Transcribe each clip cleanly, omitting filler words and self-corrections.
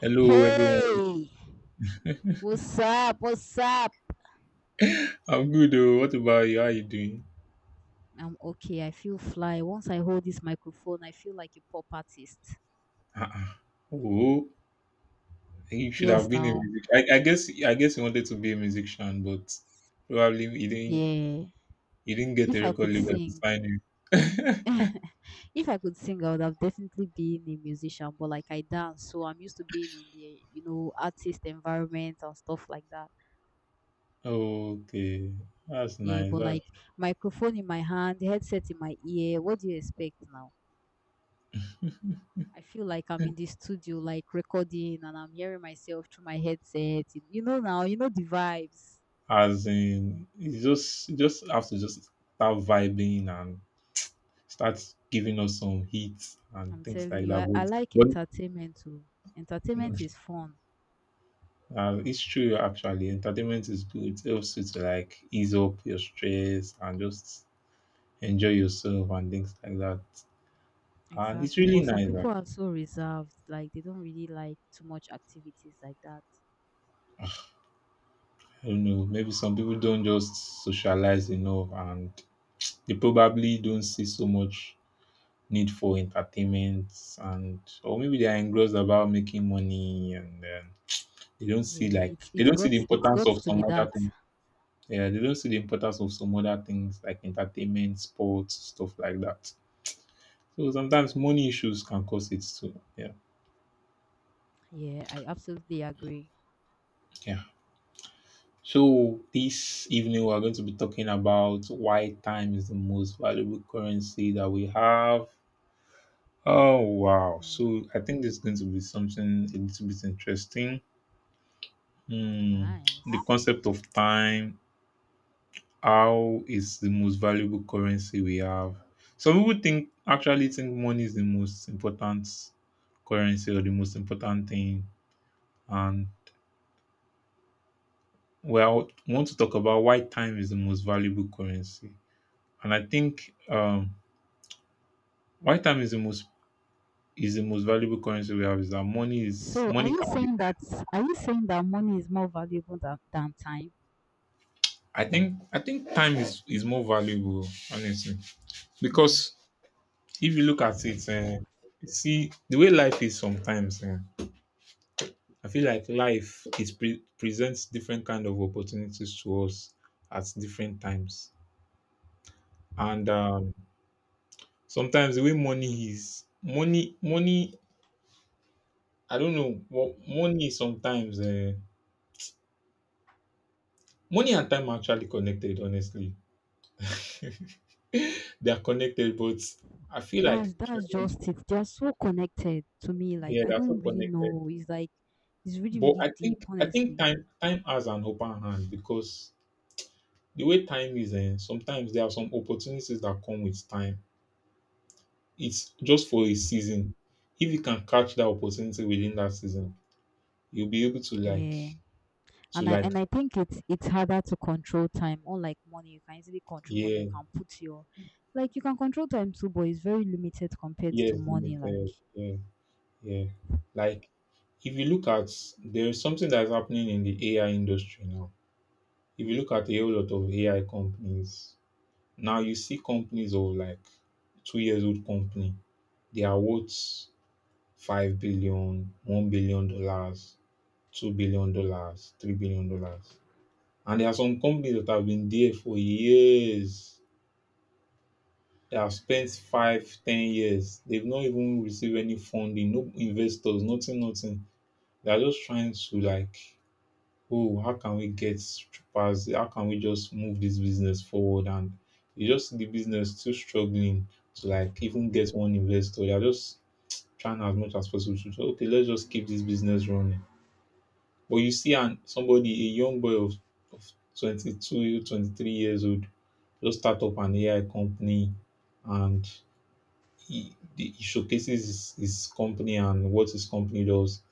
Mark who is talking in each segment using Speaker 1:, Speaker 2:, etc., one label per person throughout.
Speaker 1: Hello, everyone.
Speaker 2: Hey, what's up? What's up?
Speaker 1: I'm good. Oh, what about you? How you doing?
Speaker 2: I'm okay. I feel fly. Once I hold this microphone, I feel like a pop artist.
Speaker 1: Uh-uh. Oh, you should have
Speaker 2: Yes,
Speaker 1: been a
Speaker 2: now.
Speaker 1: musician. I guess you wanted to be a musician, but probably you didn't
Speaker 2: Yeah.
Speaker 1: you didn't get a
Speaker 2: If I
Speaker 1: record
Speaker 2: could
Speaker 1: label to
Speaker 2: sing,
Speaker 1: sign you.
Speaker 2: if I could sing, I would have definitely been a musician, but like I dance, so I'm used to being in the artist environment and stuff like that.
Speaker 1: Okay, that's
Speaker 2: Yeah,
Speaker 1: nice.
Speaker 2: but
Speaker 1: That's.
Speaker 2: like microphone in my hand, headset in my ear, what do you expect now? I feel like I'm in the studio, like recording, and I'm hearing myself through my headset. You know now, you know the vibes.
Speaker 1: As in you just have to just start vibing and start giving us some hits and
Speaker 2: I'm
Speaker 1: things
Speaker 2: telling
Speaker 1: like
Speaker 2: you,
Speaker 1: that.
Speaker 2: I like
Speaker 1: But
Speaker 2: entertainment too. Entertainment
Speaker 1: but
Speaker 2: is fun.
Speaker 1: It's true actually. Entertainment is good. It helps you to like ease up your stress and just enjoy yourself and things like that. And it's
Speaker 2: Exactly.
Speaker 1: really
Speaker 2: But some
Speaker 1: nice actually.
Speaker 2: people are so reserved, like they don't really like too much activities like that.
Speaker 1: I don't know. Maybe some people don't just socialize enough and they probably don't see so much need for entertainment and, or maybe they are engrossed about making money, and they don't see
Speaker 2: Yeah,
Speaker 1: like
Speaker 2: it's
Speaker 1: they
Speaker 2: it's
Speaker 1: don't see
Speaker 2: got
Speaker 1: the
Speaker 2: it's
Speaker 1: importance
Speaker 2: got
Speaker 1: of
Speaker 2: to be
Speaker 1: some other
Speaker 2: that.
Speaker 1: things. Yeah, they don't see the importance of some other things like entertainment, sports, stuff like that. So sometimes money issues can cause it too. Yeah.
Speaker 2: Yeah, I absolutely agree.
Speaker 1: Yeah. So this evening we are going to be talking about why time is the most valuable currency that we have. Oh, wow.
Speaker 2: Hmm,
Speaker 1: So I think this is going to be something a little bit interesting. Hmm. The
Speaker 2: nice.
Speaker 1: concept of time, how is the most valuable currency we have. Some people think actually think money is the most important currency, or the most important thing, and, well, I want to talk about why time is the most valuable currency. And I think why time is the most valuable currency we have is that
Speaker 2: So are
Speaker 1: money
Speaker 2: you
Speaker 1: can be.
Speaker 2: saying that are you saying that money is more valuable than time?
Speaker 1: I think time is more valuable, honestly,
Speaker 2: Hmm.
Speaker 1: because if you look at it, you see the way life is sometimes. I feel like life is presents different kind of opportunities to us at different times, and sometimes the way money is money I don't know. Well, money is sometimes, money and time are actually connected. Honestly, they are connected, but I feel like,
Speaker 2: That's just it. They are so connected to me. Like
Speaker 1: yeah,
Speaker 2: I
Speaker 1: they're so
Speaker 2: don't really
Speaker 1: connected.
Speaker 2: know. It's like, it's really,
Speaker 1: But
Speaker 2: really
Speaker 1: I
Speaker 2: deep,
Speaker 1: think I think
Speaker 2: honestly.
Speaker 1: time has an open hand, because the way time is, sometimes there are some opportunities that come with time. It's just for a season. If you can catch that opportunity within that season, you'll be able to like
Speaker 2: Yeah.
Speaker 1: to
Speaker 2: and I
Speaker 1: like
Speaker 2: and I think it's harder to control time. Unlike money, you can easily control money.
Speaker 1: Yeah.
Speaker 2: You can put your. Like, you can control time too, but it's very limited compared to
Speaker 1: Yes,
Speaker 2: money. Like,
Speaker 1: limited. Yeah. Yeah. Like, if you look at, there is something that's happening in the AI industry now. If you look at a whole lot of AI companies, now you see companies of like 2 years old company, they are worth 5 billion, $1 billion, $2 billion, $3 billion. And there are some companies that have been there for years. They have spent 5, 10 years. They've not even received any funding, no investors, nothing, nothing. They are just trying to like, oh, how can we get past? How can we just move this business forward? And you just see the business still struggling to like even get one investor. They are just trying as much as possible to say, okay, let's just keep this business running. But you see, and somebody, a young boy of 22, 23 years old, just start up an AI company, and he showcases his company and what his company does,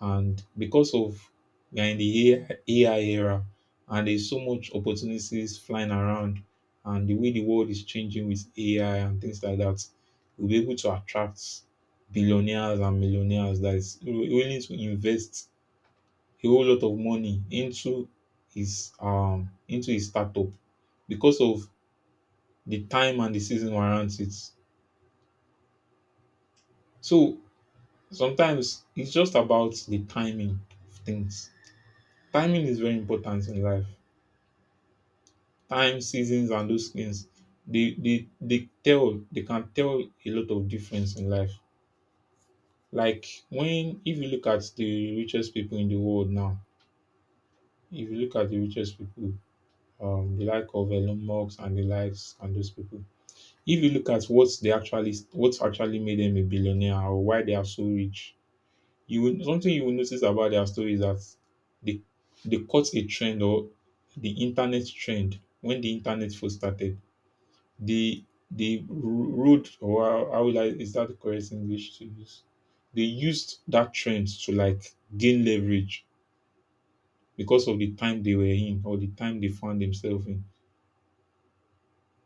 Speaker 1: and because of, we are in the AI era, and there's so much opportunities flying around, and the way the world is changing with AI and things like that, we'll be able to attract billionaires and millionaires that is willing to invest a whole lot of money into his startup, because of the time, and the season warrants it. So sometimes it's just about the timing of things. Timing is very important in life. Time, seasons, and those things, they can tell a lot of difference in life. Like when, if you look at the richest people in the world now, if you look at the richest people, the like of Elon Musk and the likes and those people. If you look at what's actually made them a billionaire, or why they are so rich, something you will notice about their story is that they they caught a trend, or the internet trend when the internet first started, the the road, or how will I, is that the correct English to use? They used that trend to like gain leverage, because of the time they were in, or the time they found themselves in.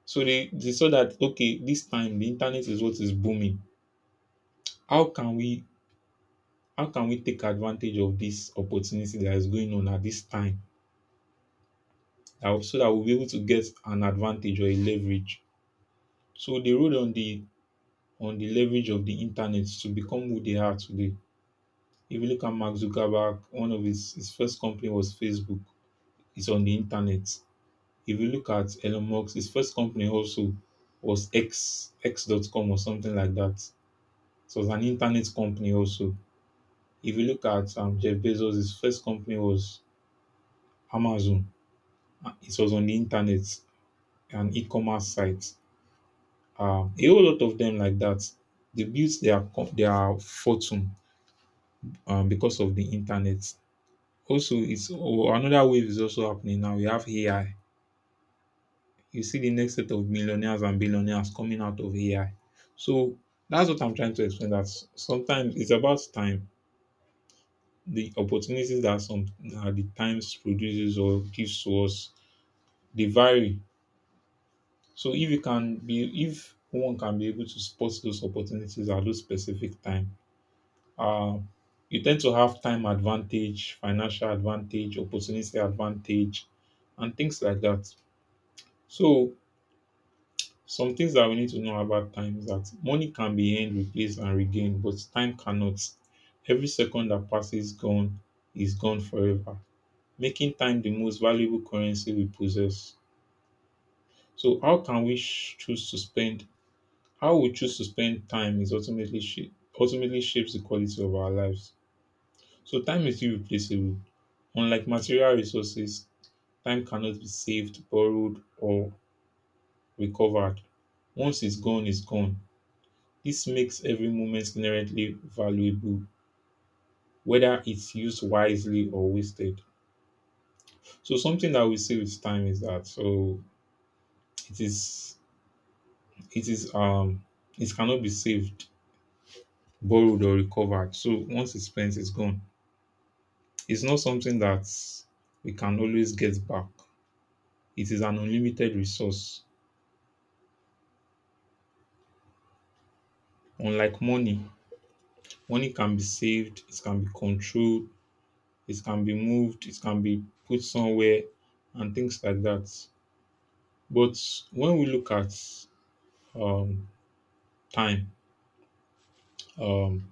Speaker 1: So they saw that, okay, this time the internet is what is booming. How can we how can we take advantage of this opportunity that is going on at this time, so that we'll be able to get an advantage or a leverage? So they rode on the leverage of the internet to become who they are today. If you look at Mark Zuckerberg, one of his first company was Facebook. It's on the internet. If you look at Elon Musk, his first company also was X.com or something like that. So it was an internet company also. If you look at Jeff Bezos, his first company was Amazon. It was on the internet, an e-commerce site. A whole lot of them like that. They built their fortune because of the internet. Also, it's or another wave is also happening now. We have AI. You see the next set of millionaires and billionaires coming out of AI. So that's what I'm trying to explain. Sometimes it's about time. The opportunities that some that the times produces or gives to us, they vary. So, if one can be able to spot those opportunities at those specific time, uh you tend to have time advantage, financial advantage, opportunity advantage, and things like that. So, some things that we need to know about time is that money can be earned, replaced, and regained, but time cannot. Every second that passes, gone is gone forever, making time the most valuable currency we possess. So, how can we choose to spend? How we choose to spend time is ultimately shapes the quality of our lives. So, time is irreplaceable. Unlike material resources, time cannot be saved, borrowed, or recovered. Once it's gone, it's gone. This makes every moment inherently valuable, whether it's used wisely or wasted. So, something that we say with time is that, so, it is it is um it cannot be saved, borrowed, or recovered. So once it's spent, it's gone. It's not something that we can always get back. It is an unlimited resource. Unlike money, money can be saved, it can be controlled, it can be moved, it can be put somewhere, and things like that. But when we look at, um, time, um,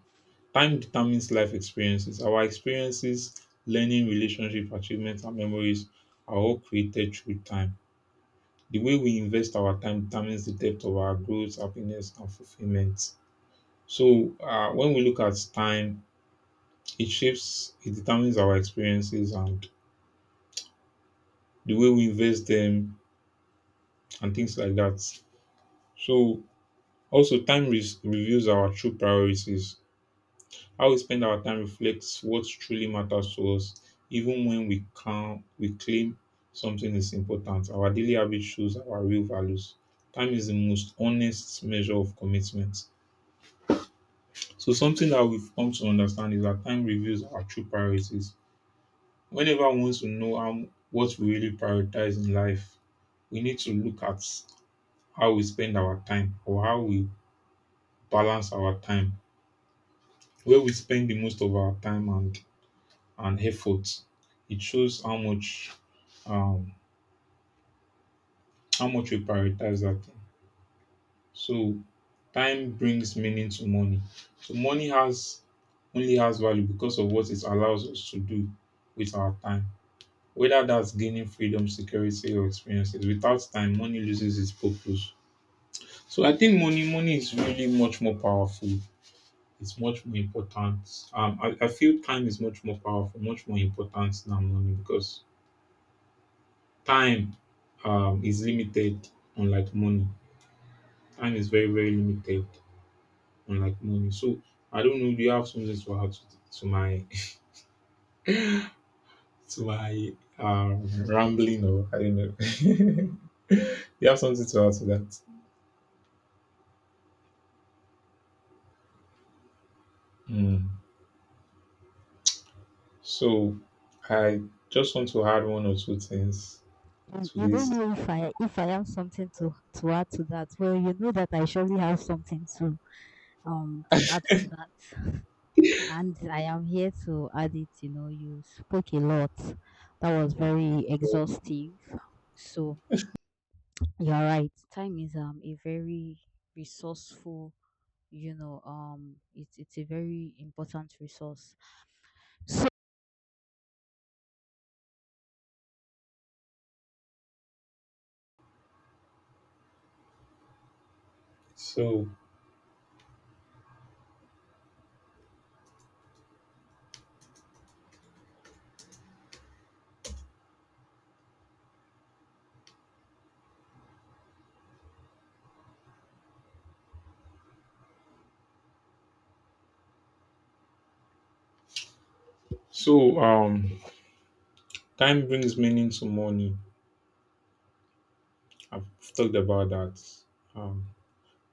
Speaker 1: time determines life experiences. Our experiences, learning, relationship, achievements, and memories are all created through time. The way we invest our time determines the depth of our growth, happiness, and fulfillment. So, when we look at time, it determines our experiences, and the way we invest them, and things like that. So also time reveals our true priorities. How we spend our time reflects what truly matters to us, even when we claim something is important. Our daily habits shows our real values. Time is the most honest measure of commitment. So, something that we've come to understand is that time reveals our true priorities. Whenever one wants to know, how what we really prioritize in life, we need to look at how we spend our time, or how we balance our time, where we spend the most of our time and effort. It shows how much, um, how much we prioritize that thing. So, time brings meaning to money. So money has only has value because of what it allows us to do with our time. Whether that's gaining freedom, security, or experiences. Without time, money loses its purpose. So I think money is really much more powerful. It's much more important. I feel time is much more powerful, much more important than money, because time is limited, unlike money. Time is very, very limited, unlike money. So I don't know. Do you have something to add to my to my rambling, or I don't know? Do you have something to add to that? Hmm. So I just want to add one or two things
Speaker 2: you,
Speaker 1: to
Speaker 2: you don't
Speaker 1: this.
Speaker 2: know if I have something to add to that. Well, you know that I surely have something to add to that, and I am here to add it. You know, you spoke a lot. That was very exhaustive. So you're right. Time is a very resourceful, it's a very important resource. So,
Speaker 1: So so, time brings meaning to money. I've talked about that. Um,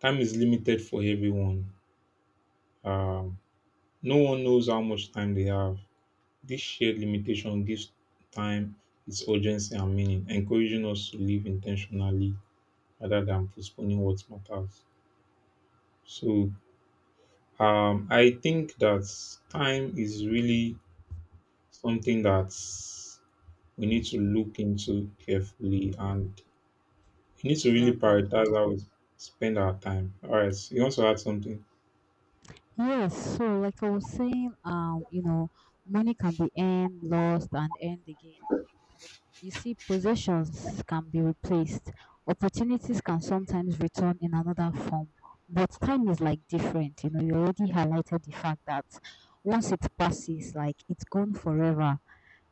Speaker 1: Time is limited for everyone. Um, No one knows how much time they have. This shared limitation gives time its urgency and meaning, encouraging us to live intentionally rather than postponing what matters. So, I think that time is really something that we need to look into carefully, and we need to really
Speaker 2: exactly.
Speaker 1: prioritize how we spend our time. All right, you also had something.
Speaker 2: Yes, so like I was saying, money can be earned, lost, and earned again. But, you see, possessions can be replaced. Opportunities can sometimes return in another form, but time is, like, different. You know, you already highlighted the fact that once it passes, like, it's gone forever.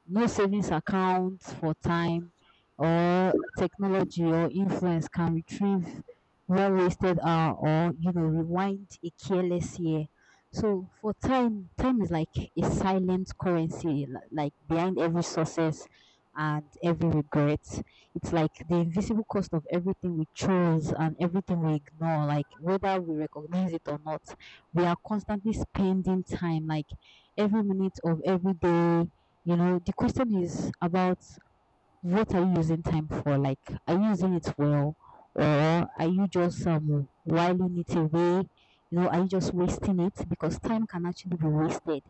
Speaker 2: No savings account for time, or technology, or influence can retrieve well wasted hour, or, rewind a careless year. So for time, is like a silent currency, like behind every success and every regret. It's like the invisible cost of everything we chose and everything we ignore. Like, whether we recognize it or not, we are constantly spending time, like, every minute of every day. You know, the question is about, what are you using time for? Like, are you using it well, or are you just whiling it away? You know, are you just wasting it? Because time can actually be wasted.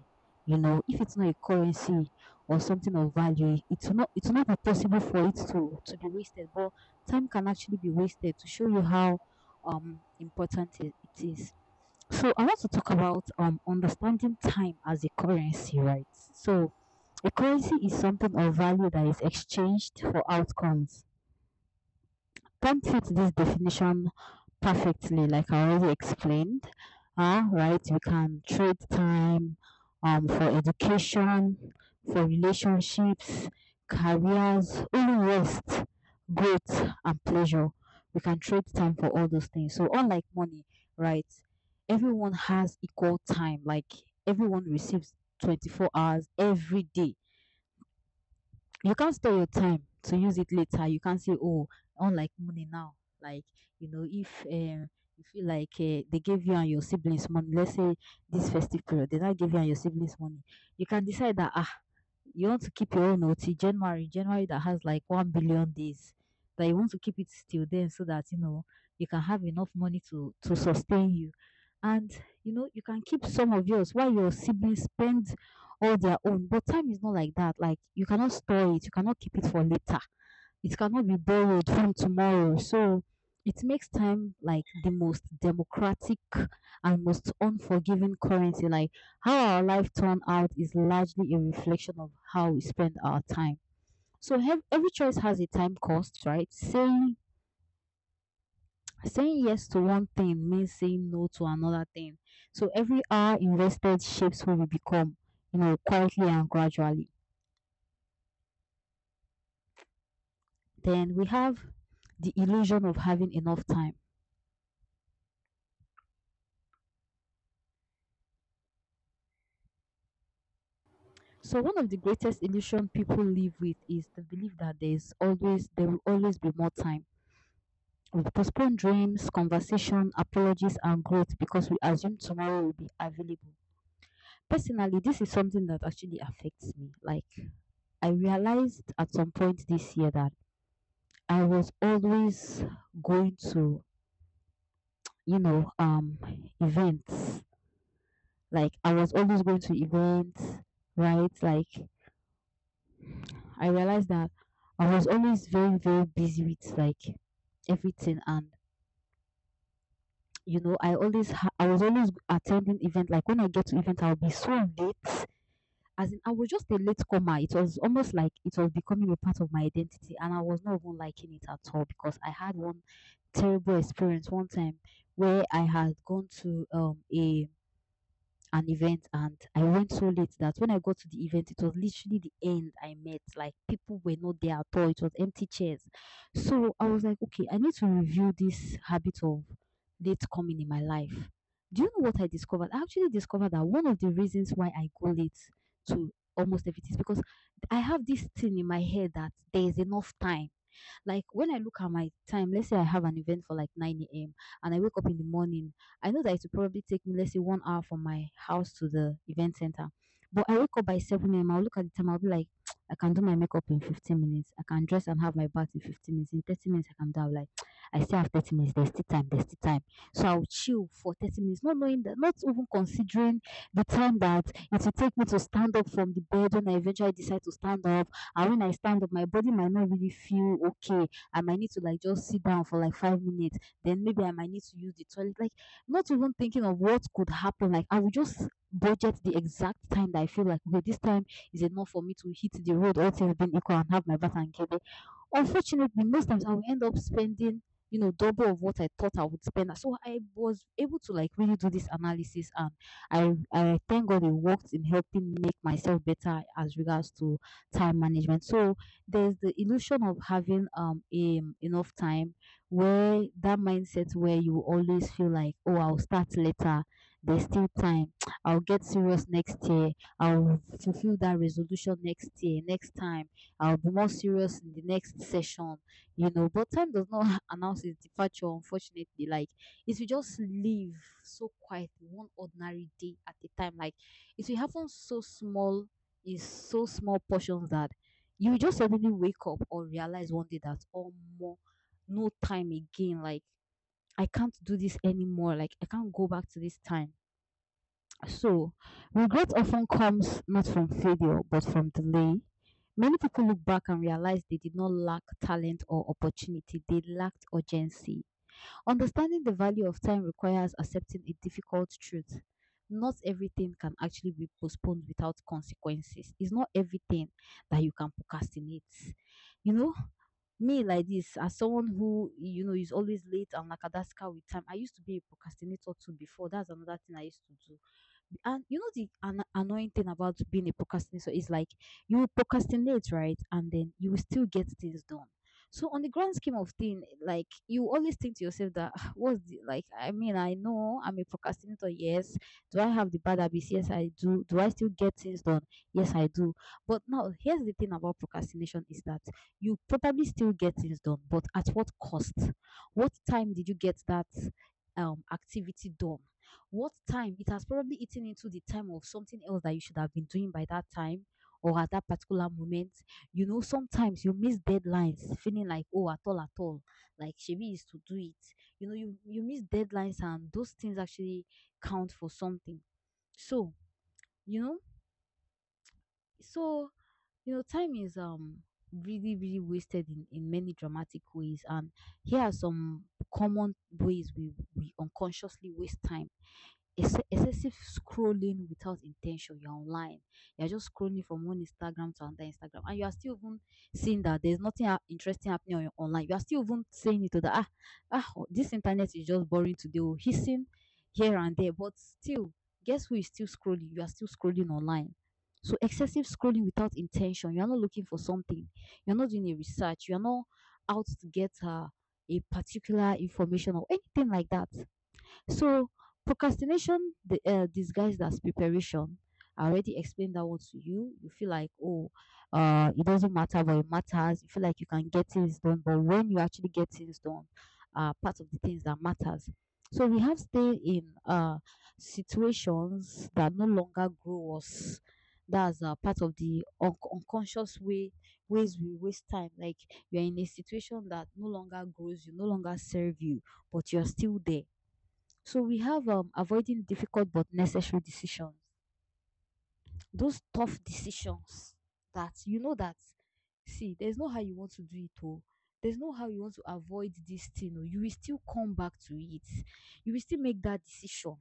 Speaker 2: You know, if it's not a currency or something of value, it's not be possible for it to be wasted. But time can actually be wasted to show you how important it is. So I want to talk about understanding time as a currency, right? So a currency is something of value that is exchanged for outcomes. Don't fit this definition perfectly, like I already explained. Right, we can trade time, for education, for relationships, careers, only rest, growth, and pleasure. We can trade time for all those things. So, unlike money, right, everyone has equal time. Like, everyone receives 24 hours every day. You can't store your time to use it later. You can't say, oh, unlike money now. Like, you know, if you feel like, they gave you and your siblings money, let's say this festive period, they not give you and your siblings money, you can decide that, ah, you want to keep your own OT January, that has like 1 billion days, that you want to keep it till then so that, you know, you can have enough money to sustain you. And, you know, you can keep some of yours while your siblings spend all their own. But time is not like that. Like, you cannot store it, you cannot keep it for later. It cannot be borrowed from tomorrow. So it makes time like the most democratic and most unforgiving currency. Like, how our life turned out is largely a reflection of how we spend our time. So every choice has a time cost, right? Saying yes to one thing means saying no to another thing. So every hour invested shapes who we become, you know, quietly and gradually. Then we have the illusion of having enough time. So one of the greatest illusion people live with is the belief that there will always be more time. We postpone dreams, conversation, apologies, and growth because we assume tomorrow will be available. Personally, this is something that actually affects me. Like, I realized at some point this year that I was always going to, you know, events. Like, I was always going to events, right? Like, I realized that I was always very, very busy with like everything, and you know, I was always attending event. Like, when I get to event, I'll be so late. As in, I was just a late comer. It was almost like it was becoming a part of my identity, and I was not even liking it at all because I had one terrible experience one time where I had gone to a an event, and I went so late that when I got to the event, it was literally the end I met. Like, people were not there at all. It was empty chairs. So I was like, okay, I need to review this habit of late coming in my life. Do you know what I discovered? I actually discovered that one of the reasons why I go late to almost everything is because I have this thing in my head that there is enough time. Like, when I look at my time, let's say I have an event for like 9 a.m. and I wake up in the morning, I know that it will probably take me, let's say, 1 hour from my house to the event center. But I wake up by 7 a.m. I'll look at the time, I'll be like, I can do my makeup in 15 minutes. I can dress and have my bath in 15 minutes. In 30 minutes, I can down. Like, I still have 30 minutes. There's still time. There's still time. So I'll chill for 30 minutes, not knowing that, not even considering the time that it will take me to stand up from the bed. When I eventually decide to stand up, and when I stand up, my body might not really feel okay. I might need to, like, just sit down for like 5 minutes. Then maybe I might need to use the toilet. Like, not even thinking of what could happen. Like, I will just budget the exact time that I feel like, okay, this time is enough for me to hit the road, all things being equal, and have my bath and get there. Unfortunately, most times I will end up spending, double of what I thought I would spend. So I was able to, like, really do this analysis, and I thank God it worked in helping make myself better as regards to time management. So there's the illusion of having a enough time, where that mindset where you always feel like, oh, I'll start later. There's still time. I'll get serious next year. I'll fulfill that resolution next year, next time. I'll be more serious in the next session, you know. But time does not announce its departure, unfortunately. Like, if you just live so quiet, one ordinary day at a time, like, if you haven't, so small, is so small portions, that you just suddenly wake up or realize one day that, oh, more, no time again. Like, I can't do this anymore. Like, I can't go back to this time. So regret often comes not from failure but from delay. Many people look back and realize they did not lack talent or opportunity. They lacked urgency. Understanding the value of time requires accepting a difficult truth. Not everything can actually be postponed without consequences. It's not everything that you can procrastinate. You know, me like this, as someone who, you know, is always late and lackadaisical with time, I used to be a procrastinator too before. That's another thing I used to do. And you know the annoying thing about being a procrastinator is, like, you will procrastinate, right? And then you will still get things done. So on the grand scheme of things, like, you always think to yourself that, "Ah, what's the, like, I mean, I know I'm a procrastinator, yes. Do I have the bad habits? Yes, I do. Do I still get things done? Yes, I do. But now here's the thing about procrastination is that you probably still get things done, but at what cost? What time did you get that activity done? What time? It has probably eaten into the time of something else that you should have been doing by that time or at that particular moment. You know, sometimes you miss deadlines, feeling like, oh, at all, like Shebi is to do it. You know, you miss deadlines and those things actually count for something. So, you know, so, time is really, really wasted in many dramatic ways. And here are some common ways we unconsciously waste time. Excessive scrolling without intention. You're online. You're just scrolling from one Instagram to another Instagram, and you are still even seeing that there's nothing interesting happening on your online. You are still even saying it to the oh, this internet is just boring today. Oh, hissing here and there, but still, guess who is still scrolling? You are still scrolling online. So excessive scrolling without intention. You are not looking for something. You are not doing a research. You are not out to get a particular information or anything like that. So procrastination the, disguised as preparation. I already explained that one to you. You feel like, oh, it doesn't matter, but it matters. You feel like you can get things done, but when you actually get things done, part of the things that matters. So we have stayed in situations that no longer grow us. That's part of the unconscious ways we waste time. Like you're in a situation that no longer grows you, no longer serve you, but you're still there. So we have avoiding difficult but necessary decisions. Those tough decisions that you know that, see, there's no how you want to do it oh. There's no how you want to avoid this thing. Oh. You will still come back to it. You will still make that decision.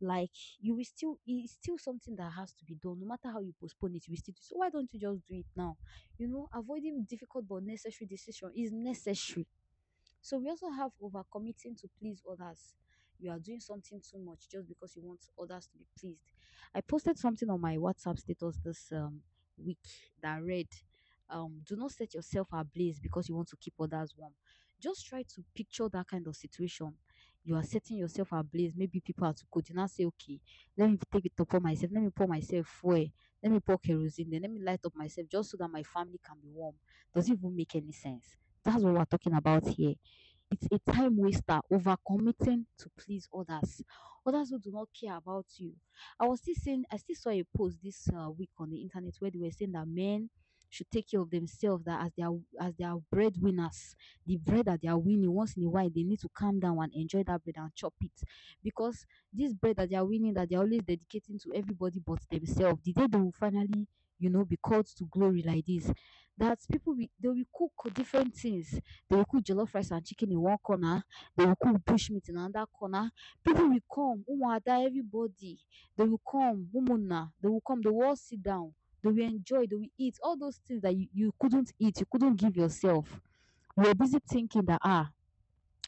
Speaker 2: Like you will still it's still something that has to be done. No matter how you postpone it, you will still do. It. So why don't you just do it now? You know, avoiding difficult but necessary decision is necessary. So we also have overcommitting to please others. You are doing something too much just because you want others to be pleased. I posted something on my WhatsApp status this week that read, "Do not set yourself ablaze because you want to keep others warm." Just try to picture that kind of situation. You are setting yourself ablaze. Maybe people are too cold. You now say, "Okay, let me take it upon myself. Let me pour myself fuel. Let me pour kerosene. Then let me light up myself just so that my family can be warm." Does it even make any sense? That's what we're talking about here. It's a time waster, overcommitting to please others, others who do not care about you. I was still saying, I still saw a post this week on the internet where they were saying that men should take care of themselves. That as they are, as they are breadwinners, the bread that they are winning once in a while, they need to calm down and enjoy that bread and chop it, because this bread that they are winning, that they are always dedicating to everybody but themselves, the day they will finally, you know, be called to glory like this, that people will, they will cook different things. They will cook jollof rice and chicken in one corner. They will cook bush meat in another corner. People will come. Umuada, everybody. They will come. Umuna. They will come. They will all sit down. They will enjoy. They will eat. All those things that you couldn't eat, you couldn't give yourself. We're busy thinking that, ah,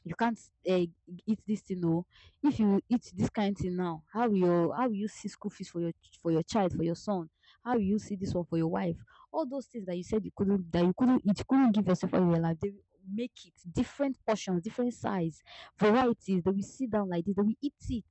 Speaker 2: you can't uh, eat this thing oh. If you eat this kind thing now, how will your how will you see school fees for your for your child, for your son? How will you see this one for your wife? All those things that you said you couldn't, that you couldn't eat, you couldn't give yourself all your life, they will make it. Different portions, different size, varieties, they will sit down like this, they will eat it,